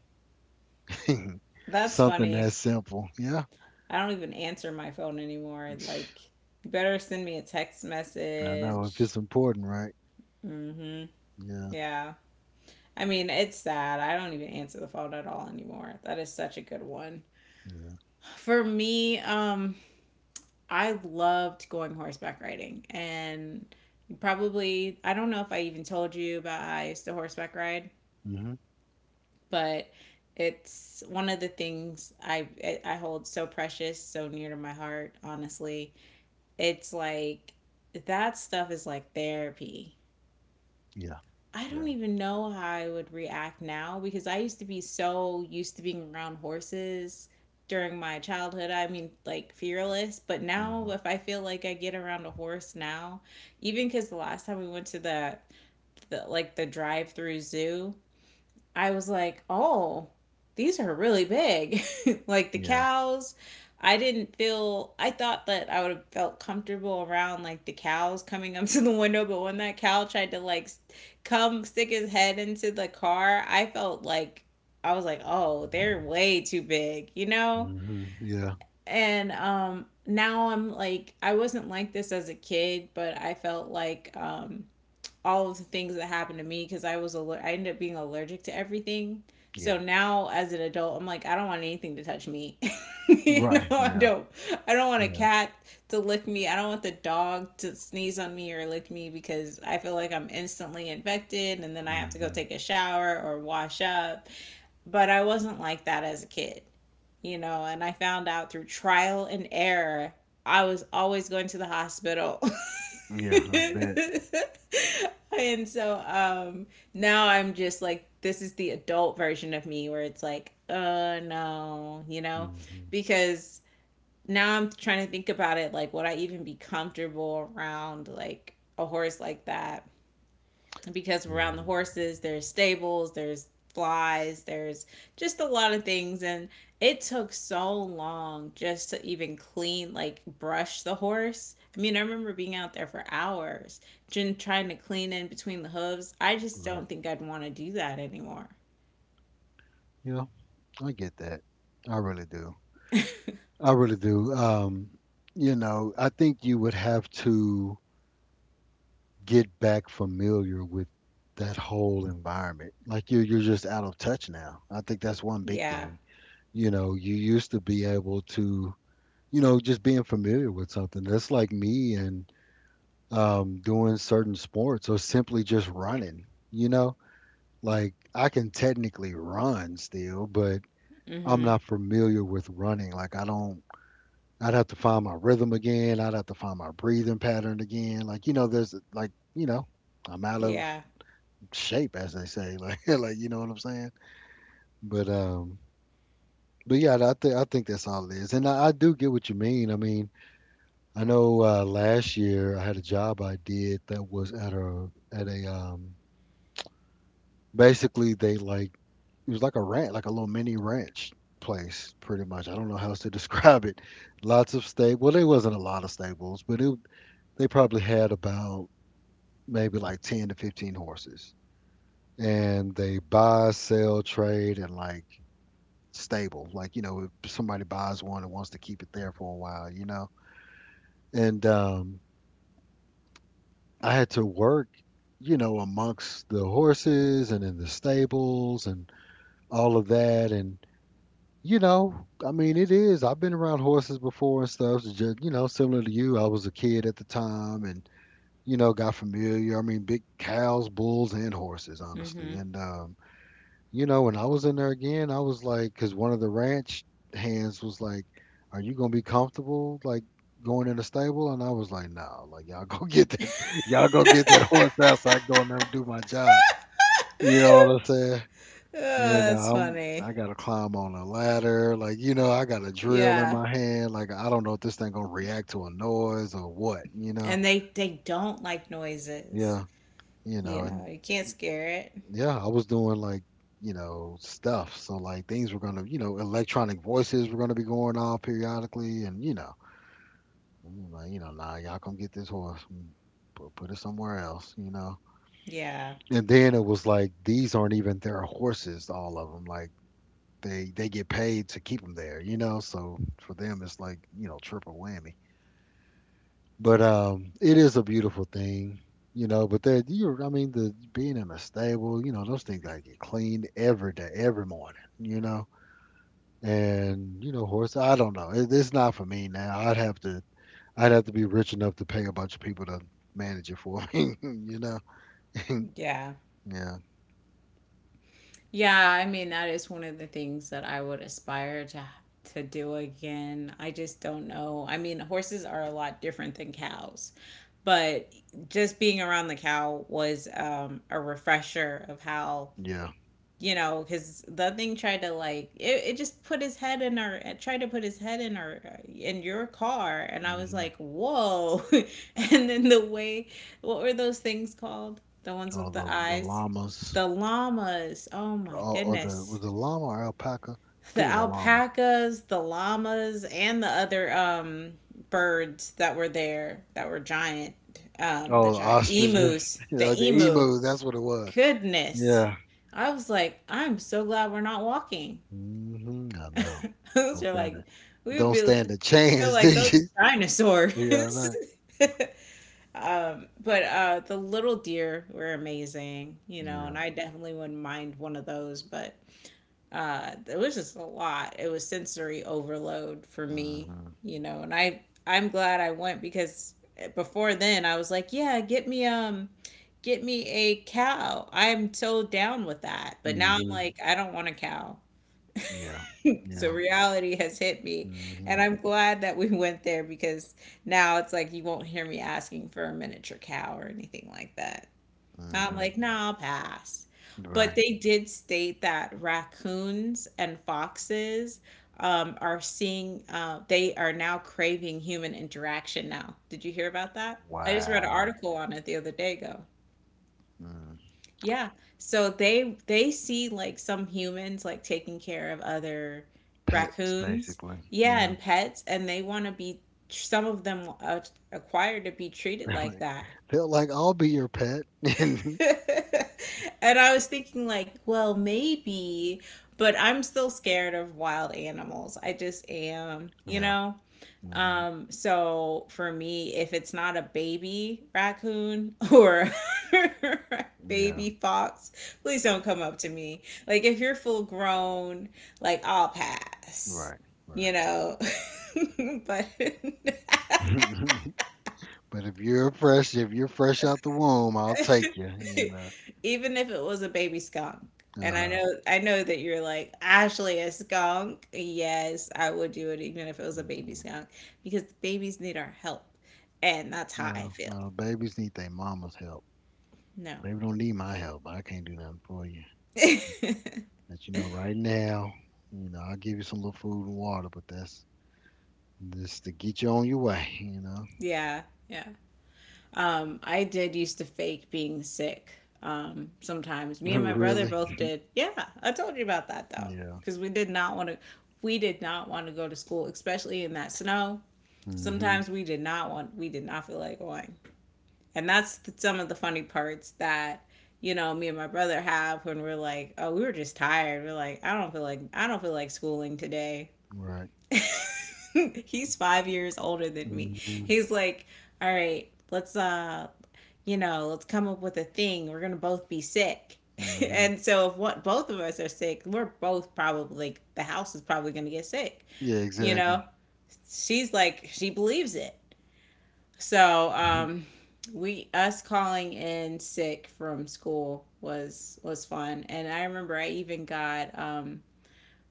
(laughs) That's something funny. that simple. Yeah, I don't even answer my phone anymore. Like, you better send me a text I know if message. it's important, right? Mm-hmm. Yeah, Yeah. I mean, it's sad. I don't even answer the phone at all anymore. That is such a good one. yeah, For me, I loved going horseback riding and probably I don't know if I even told you about how I used to horseback ride, mhm, but it's one of the things I hold so precious, so near to my heart, honestly. It's like that stuff is like therapy. yeah, I don't yeah, even know how I would react now because I used to be so used to being around horses during my childhood. I mean, like fearless, but now mhm, if I feel like I get around a horse now, even cuz the last time we went to the, like the drive-through zoo, I was like, oh, these are really big. (laughs) Like the yeah, cows, I didn't feel, I thought that I would have felt comfortable around like the cows coming up (laughs) to the window, but when that cow tried to like come stick his head into the car, I was like, oh, they're way too big, you know? mhm, yeah, And now I'm like, I wasn't like this as a kid, but I felt like, all of the things that happened to me because I ended up being allergic to everything. yeah, So now as an adult, I'm like I don't want anything to touch me. (laughs) You know, right, I yeah, don't want a yeah, cat to lick me. I don't want the dog to sneeze on me or lick me because I feel like I'm instantly infected and then I have to go mhm, take a shower or wash up. But I wasn't like that as a kid. You know, and I found out through trial and error I was always going to the hospital. (laughs) yeah. I bet. (laughs) And so now I'm just like this is the adult version of me where it's like, no, you know? Mhm, Because now I'm trying to think about it like would I even be comfortable around like a horse like that? Because yeah, around the horses there's stables, there's flies, there's just a lot of things. And it took so long just to even clean, like brush the horse. I mean, I remember being out there for hours just trying to clean in between the hooves. I just right. don't think I'd want to do that anymore. Yeah, I get that. I really do. I really do. I think you would have to get back familiar with that whole environment. Like you're just out of touch now. I think that's one big Yeah. thing. You used to be able to, just being familiar with something. That's like me and doing certain sports or simply just running. Like I can technically run still, but I'm Mm-hmm. not familiar with running. Like I don't. I'd have to find my rhythm again. I'd have to find my breathing pattern again. Like, there's like, I'm out of Yeah. shape, as they say. (laughs) Like you know what I'm saying? But um, but yeah, I think that's all it is. And I do get what you mean. I mean, I know last year I had a job I did that was at a at a basically they like it was like a ranch, like a little mini ranch place, pretty much. I don't know how else to (laughs) describe it. Lots of stable. Well, there wasn't a lot of stables, but it they probably had about maybe like 10 to 15 horses, and they buy sell trade. And like stable, like, if somebody buys one and wants to keep it there for a while, and I had to work, amongst the horses and in the stables and all of that. And you know I mean, it is I've been around horses before and stuff. It's just, similar to you. I was a kid at the time and, got familiar. I mean, big cows, bulls, and horses, honestly. Mm-hmm. And, when I was in there again, I was like, because one of the ranch hands was like, "Are you going to be comfortable, like, going in the stable?" And I was like, "No, like, y'all go (laughs) get that, y'all go get that horse (laughs) out so I can go in there and do my job." You know what I'm saying? Oh, that's I funny. gotta climb on a ladder, like, I got a drill in Yeah, my hand, like I don't know if this thing gonna react to a noise or what. and they don't like noises. Yeah, You know, and you can't scare it. yeah, I was doing, like, stuff. So, like, things were gonna, electronic voices were gonna be going off periodically, and I'm like, nah, y'all come get this horse, and put it somewhere else. Yeah. And then it was like these aren't even their horses, all of them. Like they get paid to keep them there. So for them, it's like, triple whammy. But it is a beautiful thing. But I mean, the being in a stable, those things gotta get cleaned every day, every morning. And horse, I don't know. It's not for me now. I'd have to be rich enough to pay a bunch of people to manage it for (laughs) me. (laughs) Yeah. Yeah, Yeah, I mean that is one of the things that I would aspire to do again. I just don't know. I mean, horses are a lot different than cows, but just being around the cow was a refresher of how, yeah. Because the thing tried to like it just put his head in her, tried to put his head in her, in your car, and I was hmm like, whoa. (laughs) And then the way, what were those things called? The ones All with the the eyes, llamas. the llamas. Oh my Or, or the goodness, was it llama or alpaca? I think the it was a llama. alpacas, the llamas, and the other birds that were there that were giant. Oh, The the giant ostriches. emus, (laughs) the Yeah, the emu, emu. That's what it was. goodness. Yeah, I was like, I'm so glad we're not walking. mhm. I know. (laughs) Those Don't are stand a like, we would don't be, stand a feel chance, (laughs) do like those you? dinosaurs. Yeah, I know. (laughs) But the little deer were amazing, you know, Yeah. and I definitely wouldn't mind one of those, but it was just a lot, it was sensory overload for me, Mhm. you know, and I'm glad I went, because before then I was like, yeah, get me a cow, I'm so down with that. But now I'm Mhm. like, I don't want a cow. Yeah. (laughs) So Yeah. reality has hit me, and Mhm. I'm glad that we (laughs) went there, because now it's like, you won't hear me asking for a miniature cow or anything like that. I'm Mhm. like, nah, I'll pass. But Right. they did state that raccoons and foxes are seeing, they are now craving human interaction now. Did you hear about that? I just read an Wow. article on it the other day ago. Mm. Yeah. So they see like some humans like taking care of other Pets, raccoons, basically. yeah, Yeah. and pets, and they want to be, some of them, acquired to be (laughs) treated They're like like, that. they're like, I'll be your pet. (laughs) Yeah. (laughs) And I was thinking, like, well, maybe, but I'm still scared of wild animals. I just am, you know? Mhm. So for me, if it's not a baby raccoon or (laughs) Yeah. baby fox, please don't come up to me. Like, if you're full grown, like, I'll pass, Right. you Right. know? (laughs) But (laughs) (laughs) But if you're fresh out the womb, I'll take you. You (laughs) know. even if it was a baby skunk. And Uh I know that you're like, Ashley, a skunk. Yes, I would do it even if it was a baby huh. skunk because the babies need our help. And that's how I No, feel. no, babies need their mama's help. No. Baby don't need my help. I can't do nothing for you. (laughs) Let you know right now, I'll give you some little food and water, but that's just to get you on your way. Yeah, yeah. I did used to fake being sick. Sometimes me and my brother (laughs) Really? both did. Yeah, I told you about that though, Yeah. because we did not want to. We did not want to go to school, especially in that snow. Hmm. Sometimes we did not feel like going. And that's the, some of the funny parts that, you know, me and my brother have, when we're like, oh, we were just tired, we're like, I don't feel like schooling today. Right. (laughs) He's 5 years older than me. Hmm. He's like, all right, let's you know, let's come up with a thing, we're gonna both be sick. (laughs) Hmm. And so if, what, both of us are sick, we're both probably like, the house is probably gonna get sick, Yeah, you know. exactly. She's like, she believes it. So (laughs) we us calling in sick from school was fun. And I remember I even got,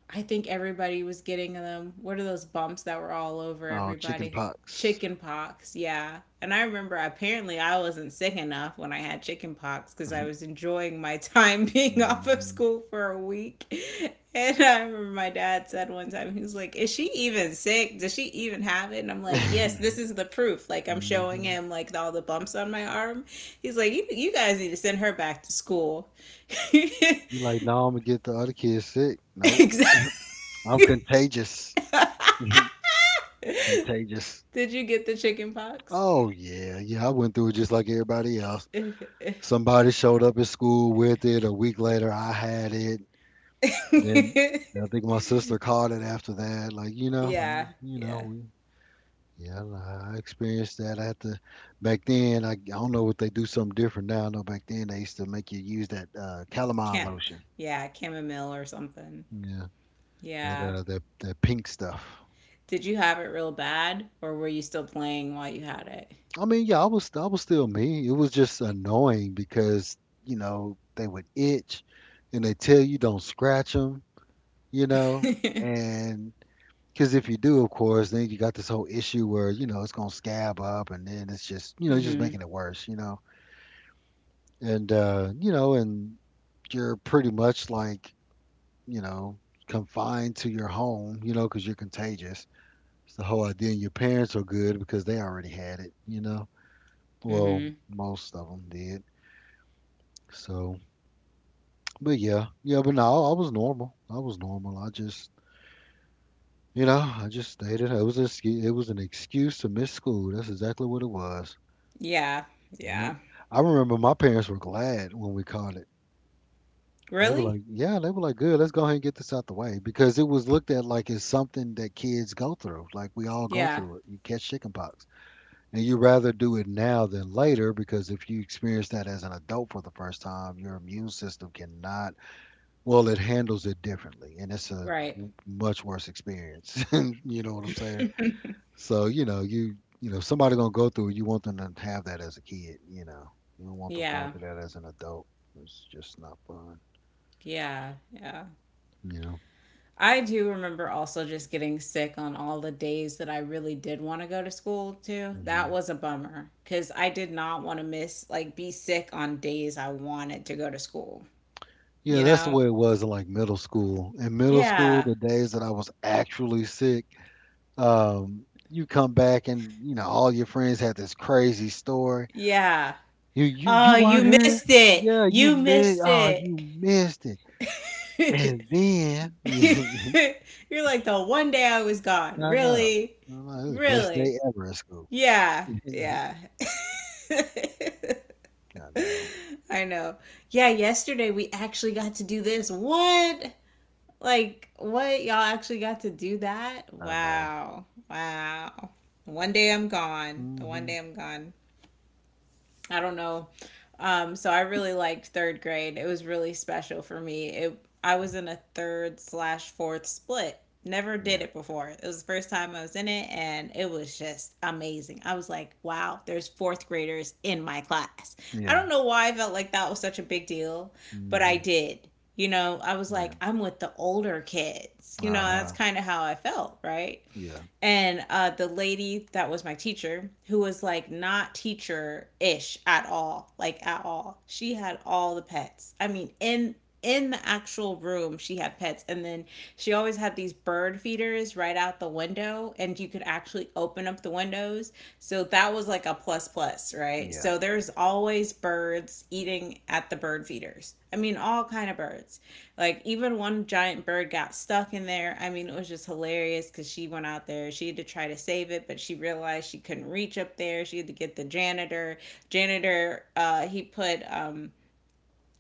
I think everybody was getting them. What are those bumps that were all over Oh, chicken everybody? pox. Chicken pox, yeah. And I remember, apparently I wasn't sick enough when I had chicken pox, because I (laughs) was enjoying my (laughs) time being off of Hmm. school for a week. And I remember my dad said one time, he was like, is she even sick? Does she even have it? And I'm like, yes, this is the proof. Like, (laughs) Hmm. I'm showing You him, like, all the bumps on my arm. He's like, you, guys need to send her back to school. (laughs) like, no, I'm gonna get the other kids sick. Nope. Exactly. I'm contagious. (laughs) (laughs) Contagious. Did you get the chicken pox? Oh yeah, yeah, I went through it just like everybody else. (laughs) Yeah, Somebody showed up at school with it. A week later, I had it. Then I think my sister caught it after that. Yeah. Yeah, I experienced that. I had to back then. I don't know what they do something different now. I know back then they used to make you use that calamine Camp. lotion. Yeah, chamomile or something. Yeah, that Yeah. uh, that that pink stuff. Did you have it real bad, or were you still playing while you had it? I mean, yeah, I was still me. It was just annoying because they would itch, and they tell you don't scratch them, you know, (laughs) and because if you do, of course, then you got this whole issue where it's gonna scab up, and then it's just it's just Mhm. making it worse, and and you're pretty much like you know confined to your home, because you're contagious. It's the whole idea, and your parents are good because they already had it. Well, Mhm. most of them did. So, but yeah, yeah, but no, I was normal. I was normal. I just stayed at home. It was an excuse, it was an excuse to miss school. That's exactly what it was. Yeah. Yep. Yeah. I remember my parents were glad when we caught it. They were Really? like, yeah, they were like, good, let's go ahead and get this out the way because it was looked at like it's something that kids go through. Like we all go Yeah. through it. You catch chickenpox, and you rather do it now than later, because if you experience that as an adult for the first time, your immune system cannot Well, it handles it differently, and it's a Right. Much worse experience. (laughs) You know what I'm saying? So, if somebody gonna go through it, you want them to have that as a kid, you know. You don't want them going Yeah. through that as an adult. It's just not fun, Yeah. Yeah. you know. I do remember also just getting sick on all the days that I really did want to go to school too. That hmm was a bummer because I did not want to miss, like, be sick on days I wanted to go to school, Yeah, you that's the know? way it was in like middle school. In middle school, Yeah. the days that I was actually sick, you come back and you know all your friends had this crazy story. Yeah. You Oh, you weren't here. missed it. Yeah, you You missed. missed Oh, you it. missed it. And (laughs) then (laughs) I You're like, the one day I was know. gone. I know. Really? It was the best Really? day ever at school. Yeah. (laughs) I Yeah. (laughs) know. (laughs) I know. Yeah, yesterday we actually got to do this. What? Like, what? Y'all actually got to do that? I know. Wow. Wow. One day I'm gone. The one Hmm. day I'm gone. I don't know. So I really liked third grade. It was really special for me. It I was in a third slash fourth split. Never did Yeah. it before. It was the first time I was in it, and it was just amazing. I was like, wow, there's fourth graders in my class. I Yeah. don't know why I felt like that was such a big deal, but I Hmm. did. You know, I was Yeah. like, I'm with the older kids. You know, that's Uh-huh. kind of how I felt, right? Yeah. And the lady that was my teacher, who was like not teacher-ish at all, like at all, she had all the pets. I mean, in the actual room she had pets, and then she always had these bird feeders right out the window, and you could actually open up the windows. So that was like a plus plus, right? Yeah. So there's always birds eating at the bird feeders, I mean, all kind of birds. Like, even one giant bird got stuck in there. I mean, it was just hilarious, because she went out there, she had to try to save it, but she realized she couldn't reach up there. She had to get the janitor. Janitor, he put,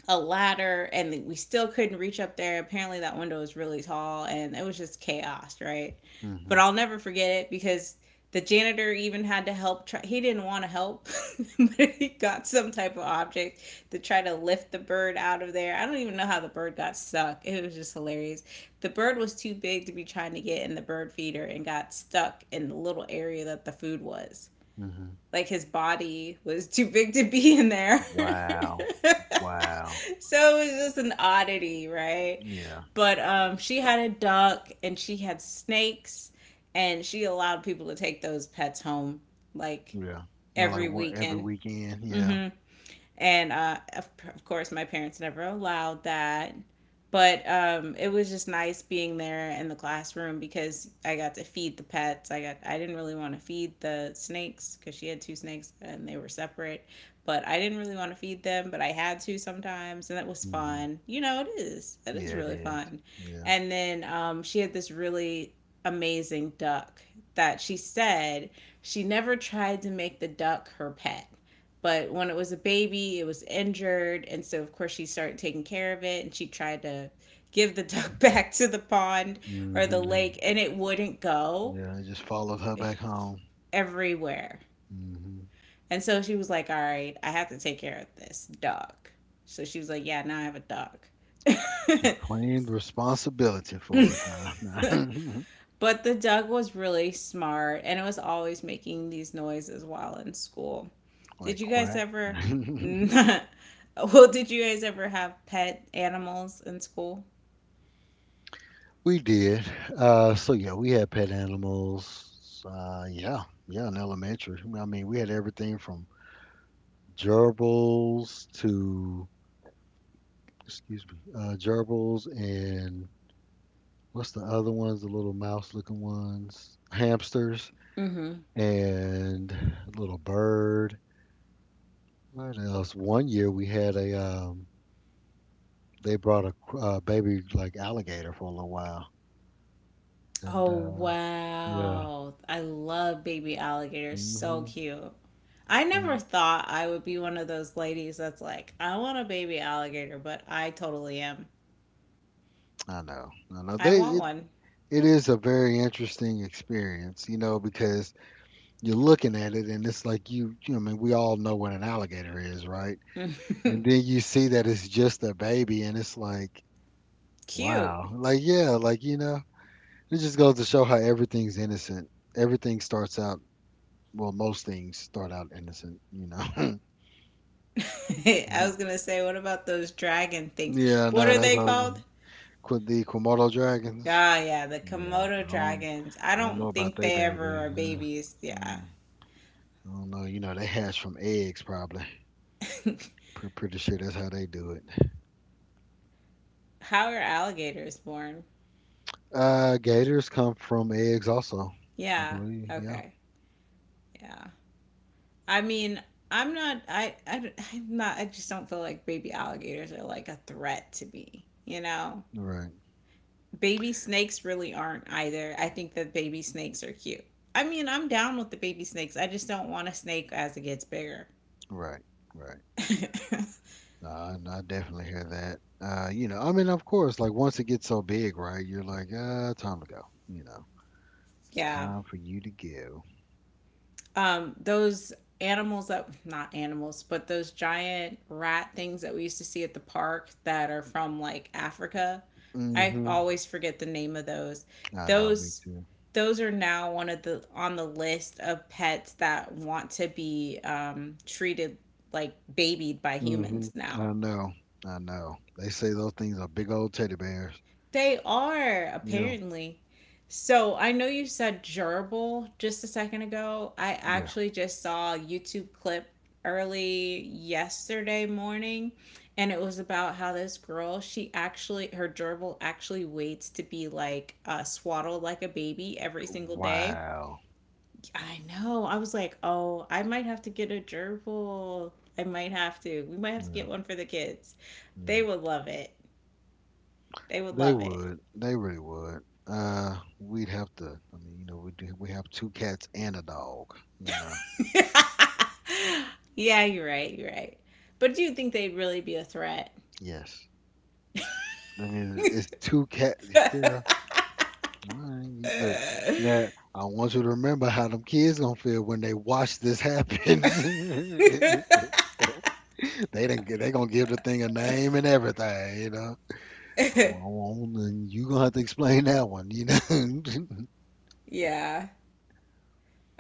a ladder, and we still couldn't reach up there. Apparently, that window was really tall, and it was just chaos, right? But Hmm. I'll never forget it because the janitor even had to help, try, he didn't want to help, (laughs) but he got some type of object to try to lift the bird out of there. I don't even know how the bird got stuck. It was just hilarious. The bird was too big to be trying to get in the bird feeder, and got stuck in the little area that the food was. Hmm. Like, his body was too big to be in there. Wow. (laughs) Wow. So it's just an oddity, right? Yeah. But she had a duck and she had snakes, and she allowed people to take those pets home, like Yeah. Like every one every weekend. weekend. Yeah. Hmm. And of course my parents never allowed that. But it was just nice being there in the classroom, because I got to feed the pets. I didn't really want to feed the snakes, because she had two snakes and they were separate, but I didn't really want to feed them, but I had to sometimes, and it was Hmm. fun. You know, it is Yeah, it really is. fun. Yeah. And then she had this really amazing duck that she said, she never tried to make the duck her pet, but when it was a baby, it was injured. And so, of course, she started taking care of it, and she tried to give the (laughs) duck back to the pond or the And lake, and it wouldn't go yeah, I just followed her back home. everywhere. hmm And so she was like, all right, I have to take care of this duck. So she was like, yeah, now I have a duck. She (laughs) claimed responsibility for it, huh? (laughs) But the duck was really smart, and it was always making these noises while in school. Did Like you guys quack. (laughs) ever? (laughs) Well, did you guys ever have pet animals in school? We did. So yeah, we had pet animals. Yeah, yeah, in elementary. I mean, we had everything from gerbils to, excuse me, gerbils and what's the other ones? The little mouse-looking ones, hamsters, Mm-hmm. and a little bird. What else? One year we had a. They brought a baby like alligator for a little while, and Oh yeah. wow. I love baby alligators. So Hmm. cute. I never Mm. thought I would be one of those ladies that's like, I want a baby alligator, but I totally am. I know, I know. I They want it, one. it is a very interesting experience, because you're looking at it and it's like I mean, we all know what an alligator is, right? And then (laughs) you see that it's just a baby, and it's like, Cute. wow, like yeah, like, it just goes to show how everything's innocent. Everything starts out, well, most things start out innocent. (laughs) (laughs) I Mhm. was gonna say, what about those dragon things? Yeah, I What know. are That's they how called? with the Komodo dragons. Ah, yeah, the Yeah, Komodo I don't, dragons. I I don't know don't about think they they baby. ever are babies. mm, Yeah. I don't know. They hatch from eggs probably. (laughs) Pretty sure that's how they do it. How are alligators born? Gators come from eggs also, I Yeah. believe. Yeah. Okay. Yeah. I mean, I'm not. I just don't feel like baby alligators are like a threat to me. You know, Right. baby snakes really aren't either. I think that baby snakes are cute. I mean, I'm down with the baby snakes. I just don't want a snake as it gets bigger. Right. Right. (laughs) No, I definitely hear that. I mean, of course, like once it gets so big, right? You're like, time to go. You know, it's Yeah. time for you to go. Those animals, that, not animals, but those giant rat things that we used to see at the park that are from like Africa. I Hmm. always forget the name of those. I know. Me Those too. those are now one of the, on the list of pets that want to be, treated, like, babied by Hmm. humans now. I know. I know. They say those things are big old teddy bears. They are, Yeah. apparently. So I know you said gerbil just a second ago. I Yeah. actually just saw a YouTube clip early yesterday morning, and it was about how this girl, she actually, her gerbil actually waits to be swaddled like a baby every single day. Wow. I know. I was like, oh, I might have to get a gerbil. I might have to. We might have to Yeah. get one for the kids. They Yeah. would love it. They would They love it. would. They really would. We'd have to. I mean, we do. We have two cats and a dog. You know. (laughs) Yeah, you're right. You're right. But do you think they'd really be a threat? Yes. I mean, it's two cats. (laughs) Kira, all right, you look. Now, I want you to remember how them kids gonna feel when they watch this happen. Yeah, (laughs) They didn't. They gonna give the thing a name and everything. You know. Oh, oh, oh, and you gonna have to explain that one. You know. (laughs)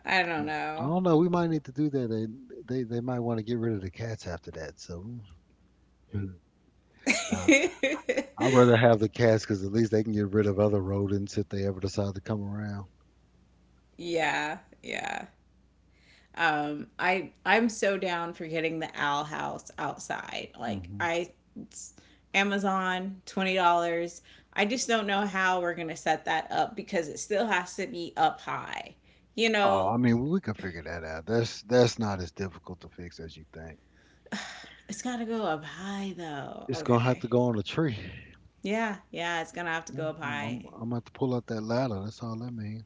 I don't I know. don't know. We might need to do that. They might want to get rid of the cats after that. So mm, nah, I'd rather (laughs) have the cats because at least they can get rid of other rodents if they ever decide to come around. Yeah, yeah. I'm so down for getting the owl house outside. Hmm. It's Amazon $20. I just don't know how we're gonna set that up because it still has to be up high. You Oh, I know, mean, we could figure that out. That's not as difficult to fix as you think. it's got to go up high though. It's gonna have Okay. to go on a tree. Yeah, yeah, it's gonna have to Yeah, go up I'm high. gonna have to pull out that ladder. That's all that means.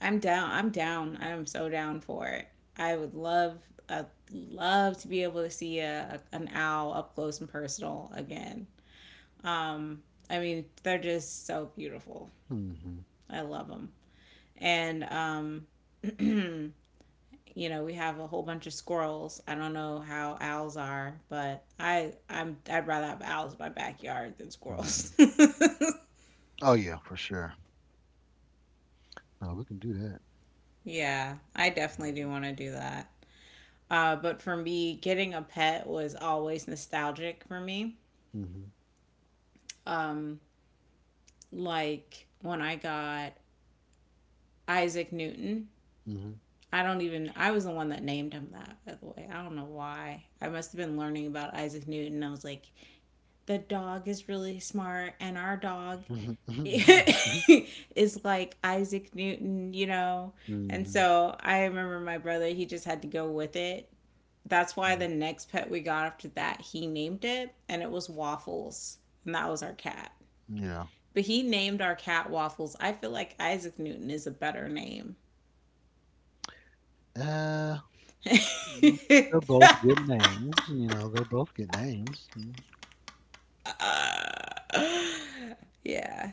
I'm down. I'm down. I'm so down for it. I would love, I love to be able to see an owl up close and personal again. Um, I mean, they're just so beautiful. Hmm. I love them. And (clears throat) you know, we have a whole bunch of squirrels. I don't know how owls are, but I'd rather have owls in my backyard than squirrels. Hmm. (laughs) Oh yeah, for sure. No, we can do that. Yeah, I definitely do want to do that. But for me, getting a pet was always nostalgic for me. Hmm. Like when I got Isaac Newton, Hmm. I don't even, I was the one that named him that, by the way. I don't know why. I must have been learning about Isaac Newton. I was like, the dog is really smart, and our dog (laughs) Hmm. is like Isaac Newton, you know? And Hmm. so I remember my brother, he just had to go with it. That's why the next pet we got after that, he named it, and it was Waffles, and that was our cat. (laughs) Yeah. But he named our cat Waffles. I feel like Isaac Newton is a better name. Uh, well, (laughs) yeah, they're both good names. You know, they're both good names. yeah,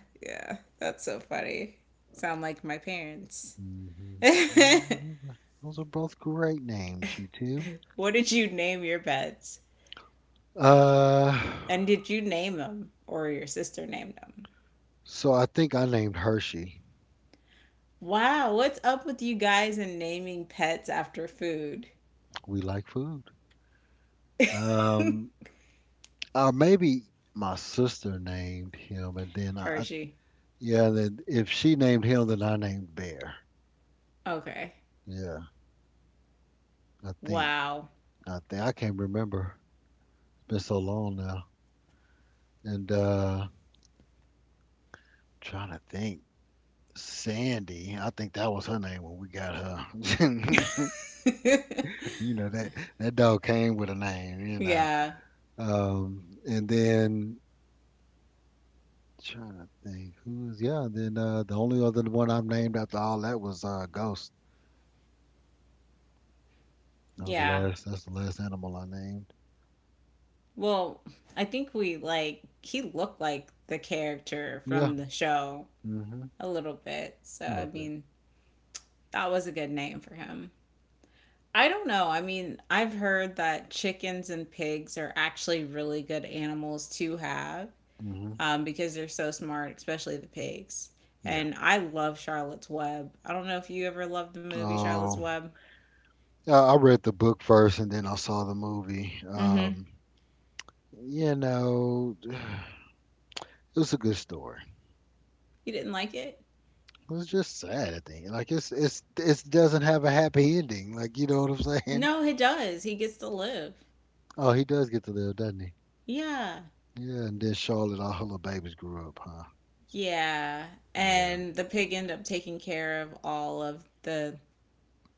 that's so funny. Sound like my parents. Mm-hmm. (laughs) Those are both great names, you two. What did you name your pets? Uh, And did you name them, or your sister named them? so I think I named Hershey. Wow, what's up with you guys and naming pets after food? We like food. Um, or maybe my sister named him, and then I Hershey. yeah, then if she named him, then I named Bear. Okay. Yeah, I think. Wow. I think I can't remember. It's been so long now, and trying to think. Sandy, I think that was her name when we got her. (laughs) (laughs) You know that that dog came with a name, you know. Yeah. And then trying to think who's was yeah. Then the only other one I've named after all that was Ghost. That was the Yeah. last. That's the last animal I named. Well, I think we like he looked like the character Yeah. from the show Mhm. a little bit. So A I little bit. mean, that was a good name for him. I don't know. I mean, I've heard that chickens and pigs are actually really good animals to have Mhm. Because they're so smart, especially the pigs. Yeah. And I love Charlotte's Web. I don't know if you ever loved the movie Charlotte's Oh, Web. I read the book first, and then I saw the movie. Mm hmm. (sighs) It was a good story. You didn't like it? It's just sad, I think. Like it doesn't have a happy ending. Like you know what I'm saying? No, (laughs) he does. He gets to live. Oh, he does get to live, doesn't he? Yeah. Yeah, and then Charlotte, all her little babies grew up, huh? Yeah, Yeah, and the pig ended up taking care of all of the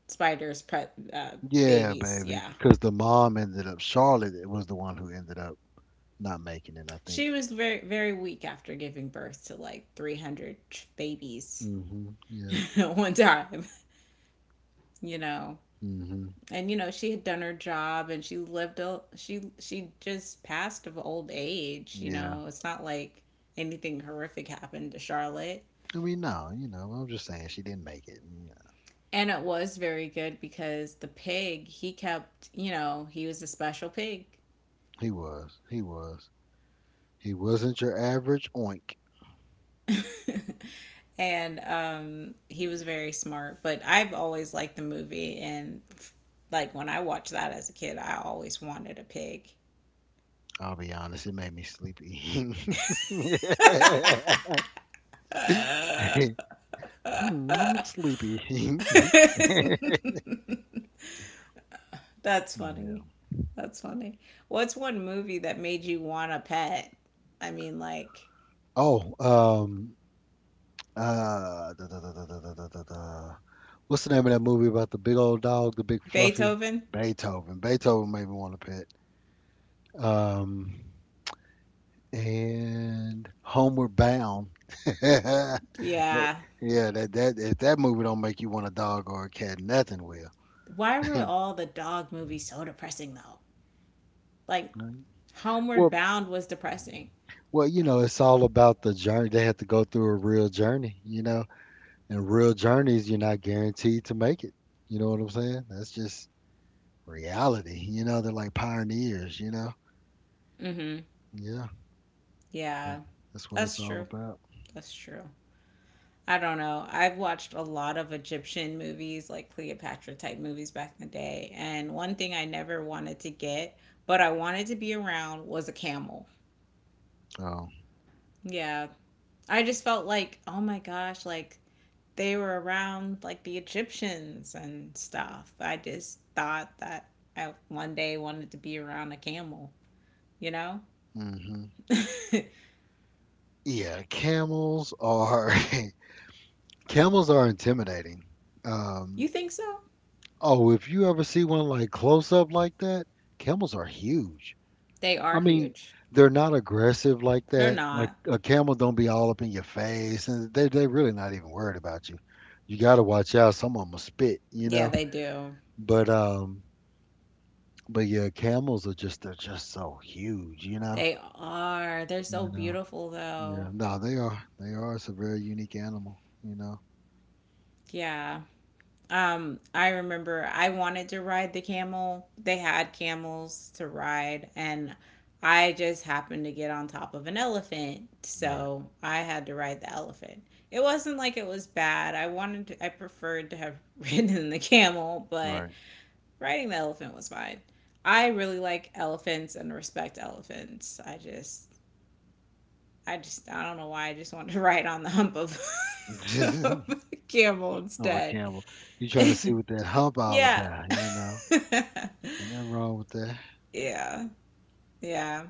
spider's pre- uh, yeah, babies. babies. Yeah, Because the mom ended up. Charlotte was the one who ended up not making it, I think. she was very very weak after giving birth to like 300 babies Mhm. Yeah. (laughs) at one time. You know, Mhm. and you know she had done her job and she lived. A, she just passed of old age. You Yeah. know, it's not like anything horrific happened to Charlotte. I mean, no, I'm just saying she didn't make it. Yeah. And it was very good because the pig, he kept, you know, he was a special pig. He was. He was. He wasn't your average oink. (laughs) and he was very smart. But I've always liked the movie, and like when I watched that as a kid, I always wanted a pig. I'll be honest, it made me sleepy. (laughs) (laughs) Hmm, I'm sleepy. (laughs) (laughs) That's funny. Yeah. That's funny. What's one movie that made you want a pet? I mean, like Oh, da, da, da, da, da, da, da, da, da. What's the name of that movie about the big old dog, the big fluffy? Beethoven? Beethoven. Beethoven made me want to pet. Um, and Homeward Bound. (laughs) That- Yeah. yeah, that if that movie don't make you want a dog or a cat, nothing will. Why were all the dog movies so depressing, though? Like, Right. Homeward Well, Bound was depressing. well, you know, it's all about the journey. They have to go through a real journey, you know. And real journeys, you're not guaranteed to make it. You know what I'm saying? That's just reality. You know, they're like pioneers, you know? Mm hmm. Yeah, Yeah, that's what that's it's true. all about. That's true. I don't know. I've watched a lot of Egyptian movies, like Cleopatra type movies back in the day. And one thing I never wanted to get, but I wanted to be around, was a camel. Oh, Yeah. I just felt like, oh my gosh, like they were around like the Egyptians and stuff. I just thought that I one day wanted to be around a camel, you know? hmm, (laughs) You yeah, camels are (laughs) camels are intimidating. Um, think so? oh, if you ever see one like close up like that, camels are huge. They are I mean, huge. they're not aggressive like They're that. Like not. a camel don't be all up in your face, and they really not even worried about you. You got to watch out. Some of them will spit, you Yeah, know. they do. But um, but yeah, camels are just, they're just so huge, you know. They are. They're so You know. beautiful though. Yeah. No, they are. They are. It's a very unique animal, you know. Yeah. I remember I wanted to ride the camel. They had camels to ride and I just happened to get on top of an elephant. Right. So I had to ride the elephant. It wasn't like it was bad. I preferred to have (laughs) ridden the camel, but Right. riding the elephant was fine. I really like elephants and respect elephants. I don't know why I just wanted to (laughs) ride on (laughs) of (laughs) a camel I a instead. camel. You trying to see what that hump all Yeah. about, you know? (laughs) Ain't nothing wrong with that. Yeah. Yeah.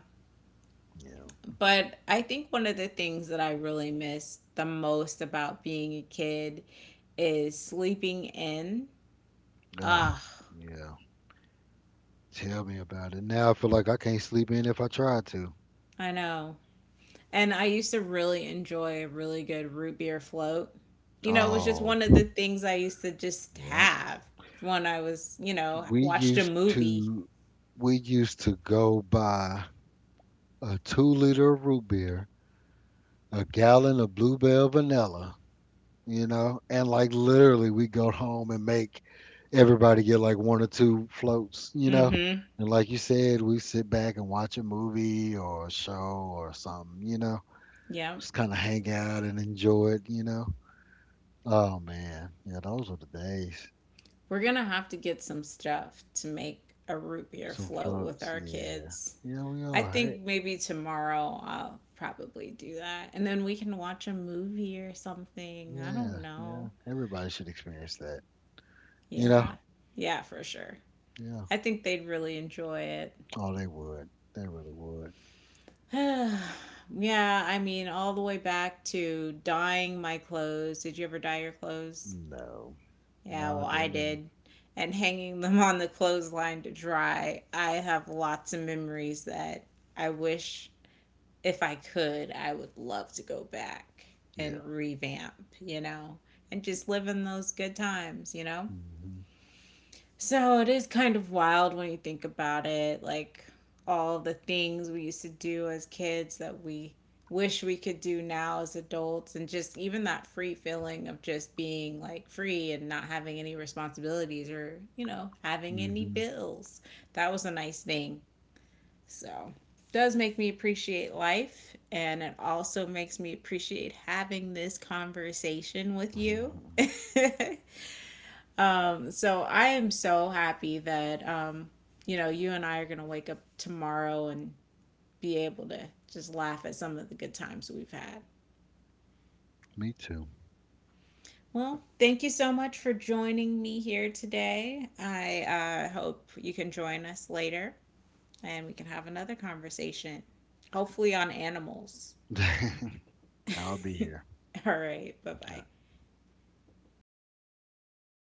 Yeah. But I think one of the things that I really miss the most about being a kid is sleeping in. Oh. Ah, Yeah. Tell me about it. Now I feel like I can't sleep in if I tried to. I know. And I used to really enjoy a really good root beer float. You know, it was just Oh, one of the things I used to just yeah. have when I was, you know, We watched a used movie. to we used to go buy a 2-liter of root beer, a gallon of bluebell vanilla, you know, and like literally we go home and make everybody get like one or two floats, you know. Mm-hmm. And like you said, we sit back and watch a movie or a show or something, you know. Yeah. Just kind of hang out and enjoy it, you know. Oh man, yeah, those were the days. We're going to have to get some stuff to make a root beer Some float with floats, our yeah, kids. yeah, we I all hurt. think maybe tomorrow I'll probably do that. And then we can watch a movie or something. I don't Yeah, yeah, know. everybody should experience that. You know, Yeah. Yeah, for sure. yeah. I think they'd really enjoy it. Oh, they would. They really would. (sighs) Yeah, I mean, all the way back to dyeing my clothes. Did you ever dye your clothes? No, Yeah, well, no, they I didn't. did. And hanging them on the clothesline to dry, I have lots of memories that I wish, if I could, I would love to go back Yeah. and revamp, you know, and just live in those good times, you know? Mhm. So it is kind of wild when you think about it, like all the things we used to do as kids that we wish we could do now as adults, and just even that free feeling of just being like free and not having any responsibilities or, you know, having any Mhm. bills. That was a nice thing. So it does make me appreciate life and it also makes me appreciate having this conversation with you. (laughs) (laughs) So I am so happy that you know, you and I are gonna wake up tomorrow and be able to just laugh at some of the good times we've had. Me too. Well, thank you so much for joining me here today. I hope you can join us later and we can have another conversation, hopefully on animals. (laughs) I'll be here. (laughs) All right, bye bye. Yeah.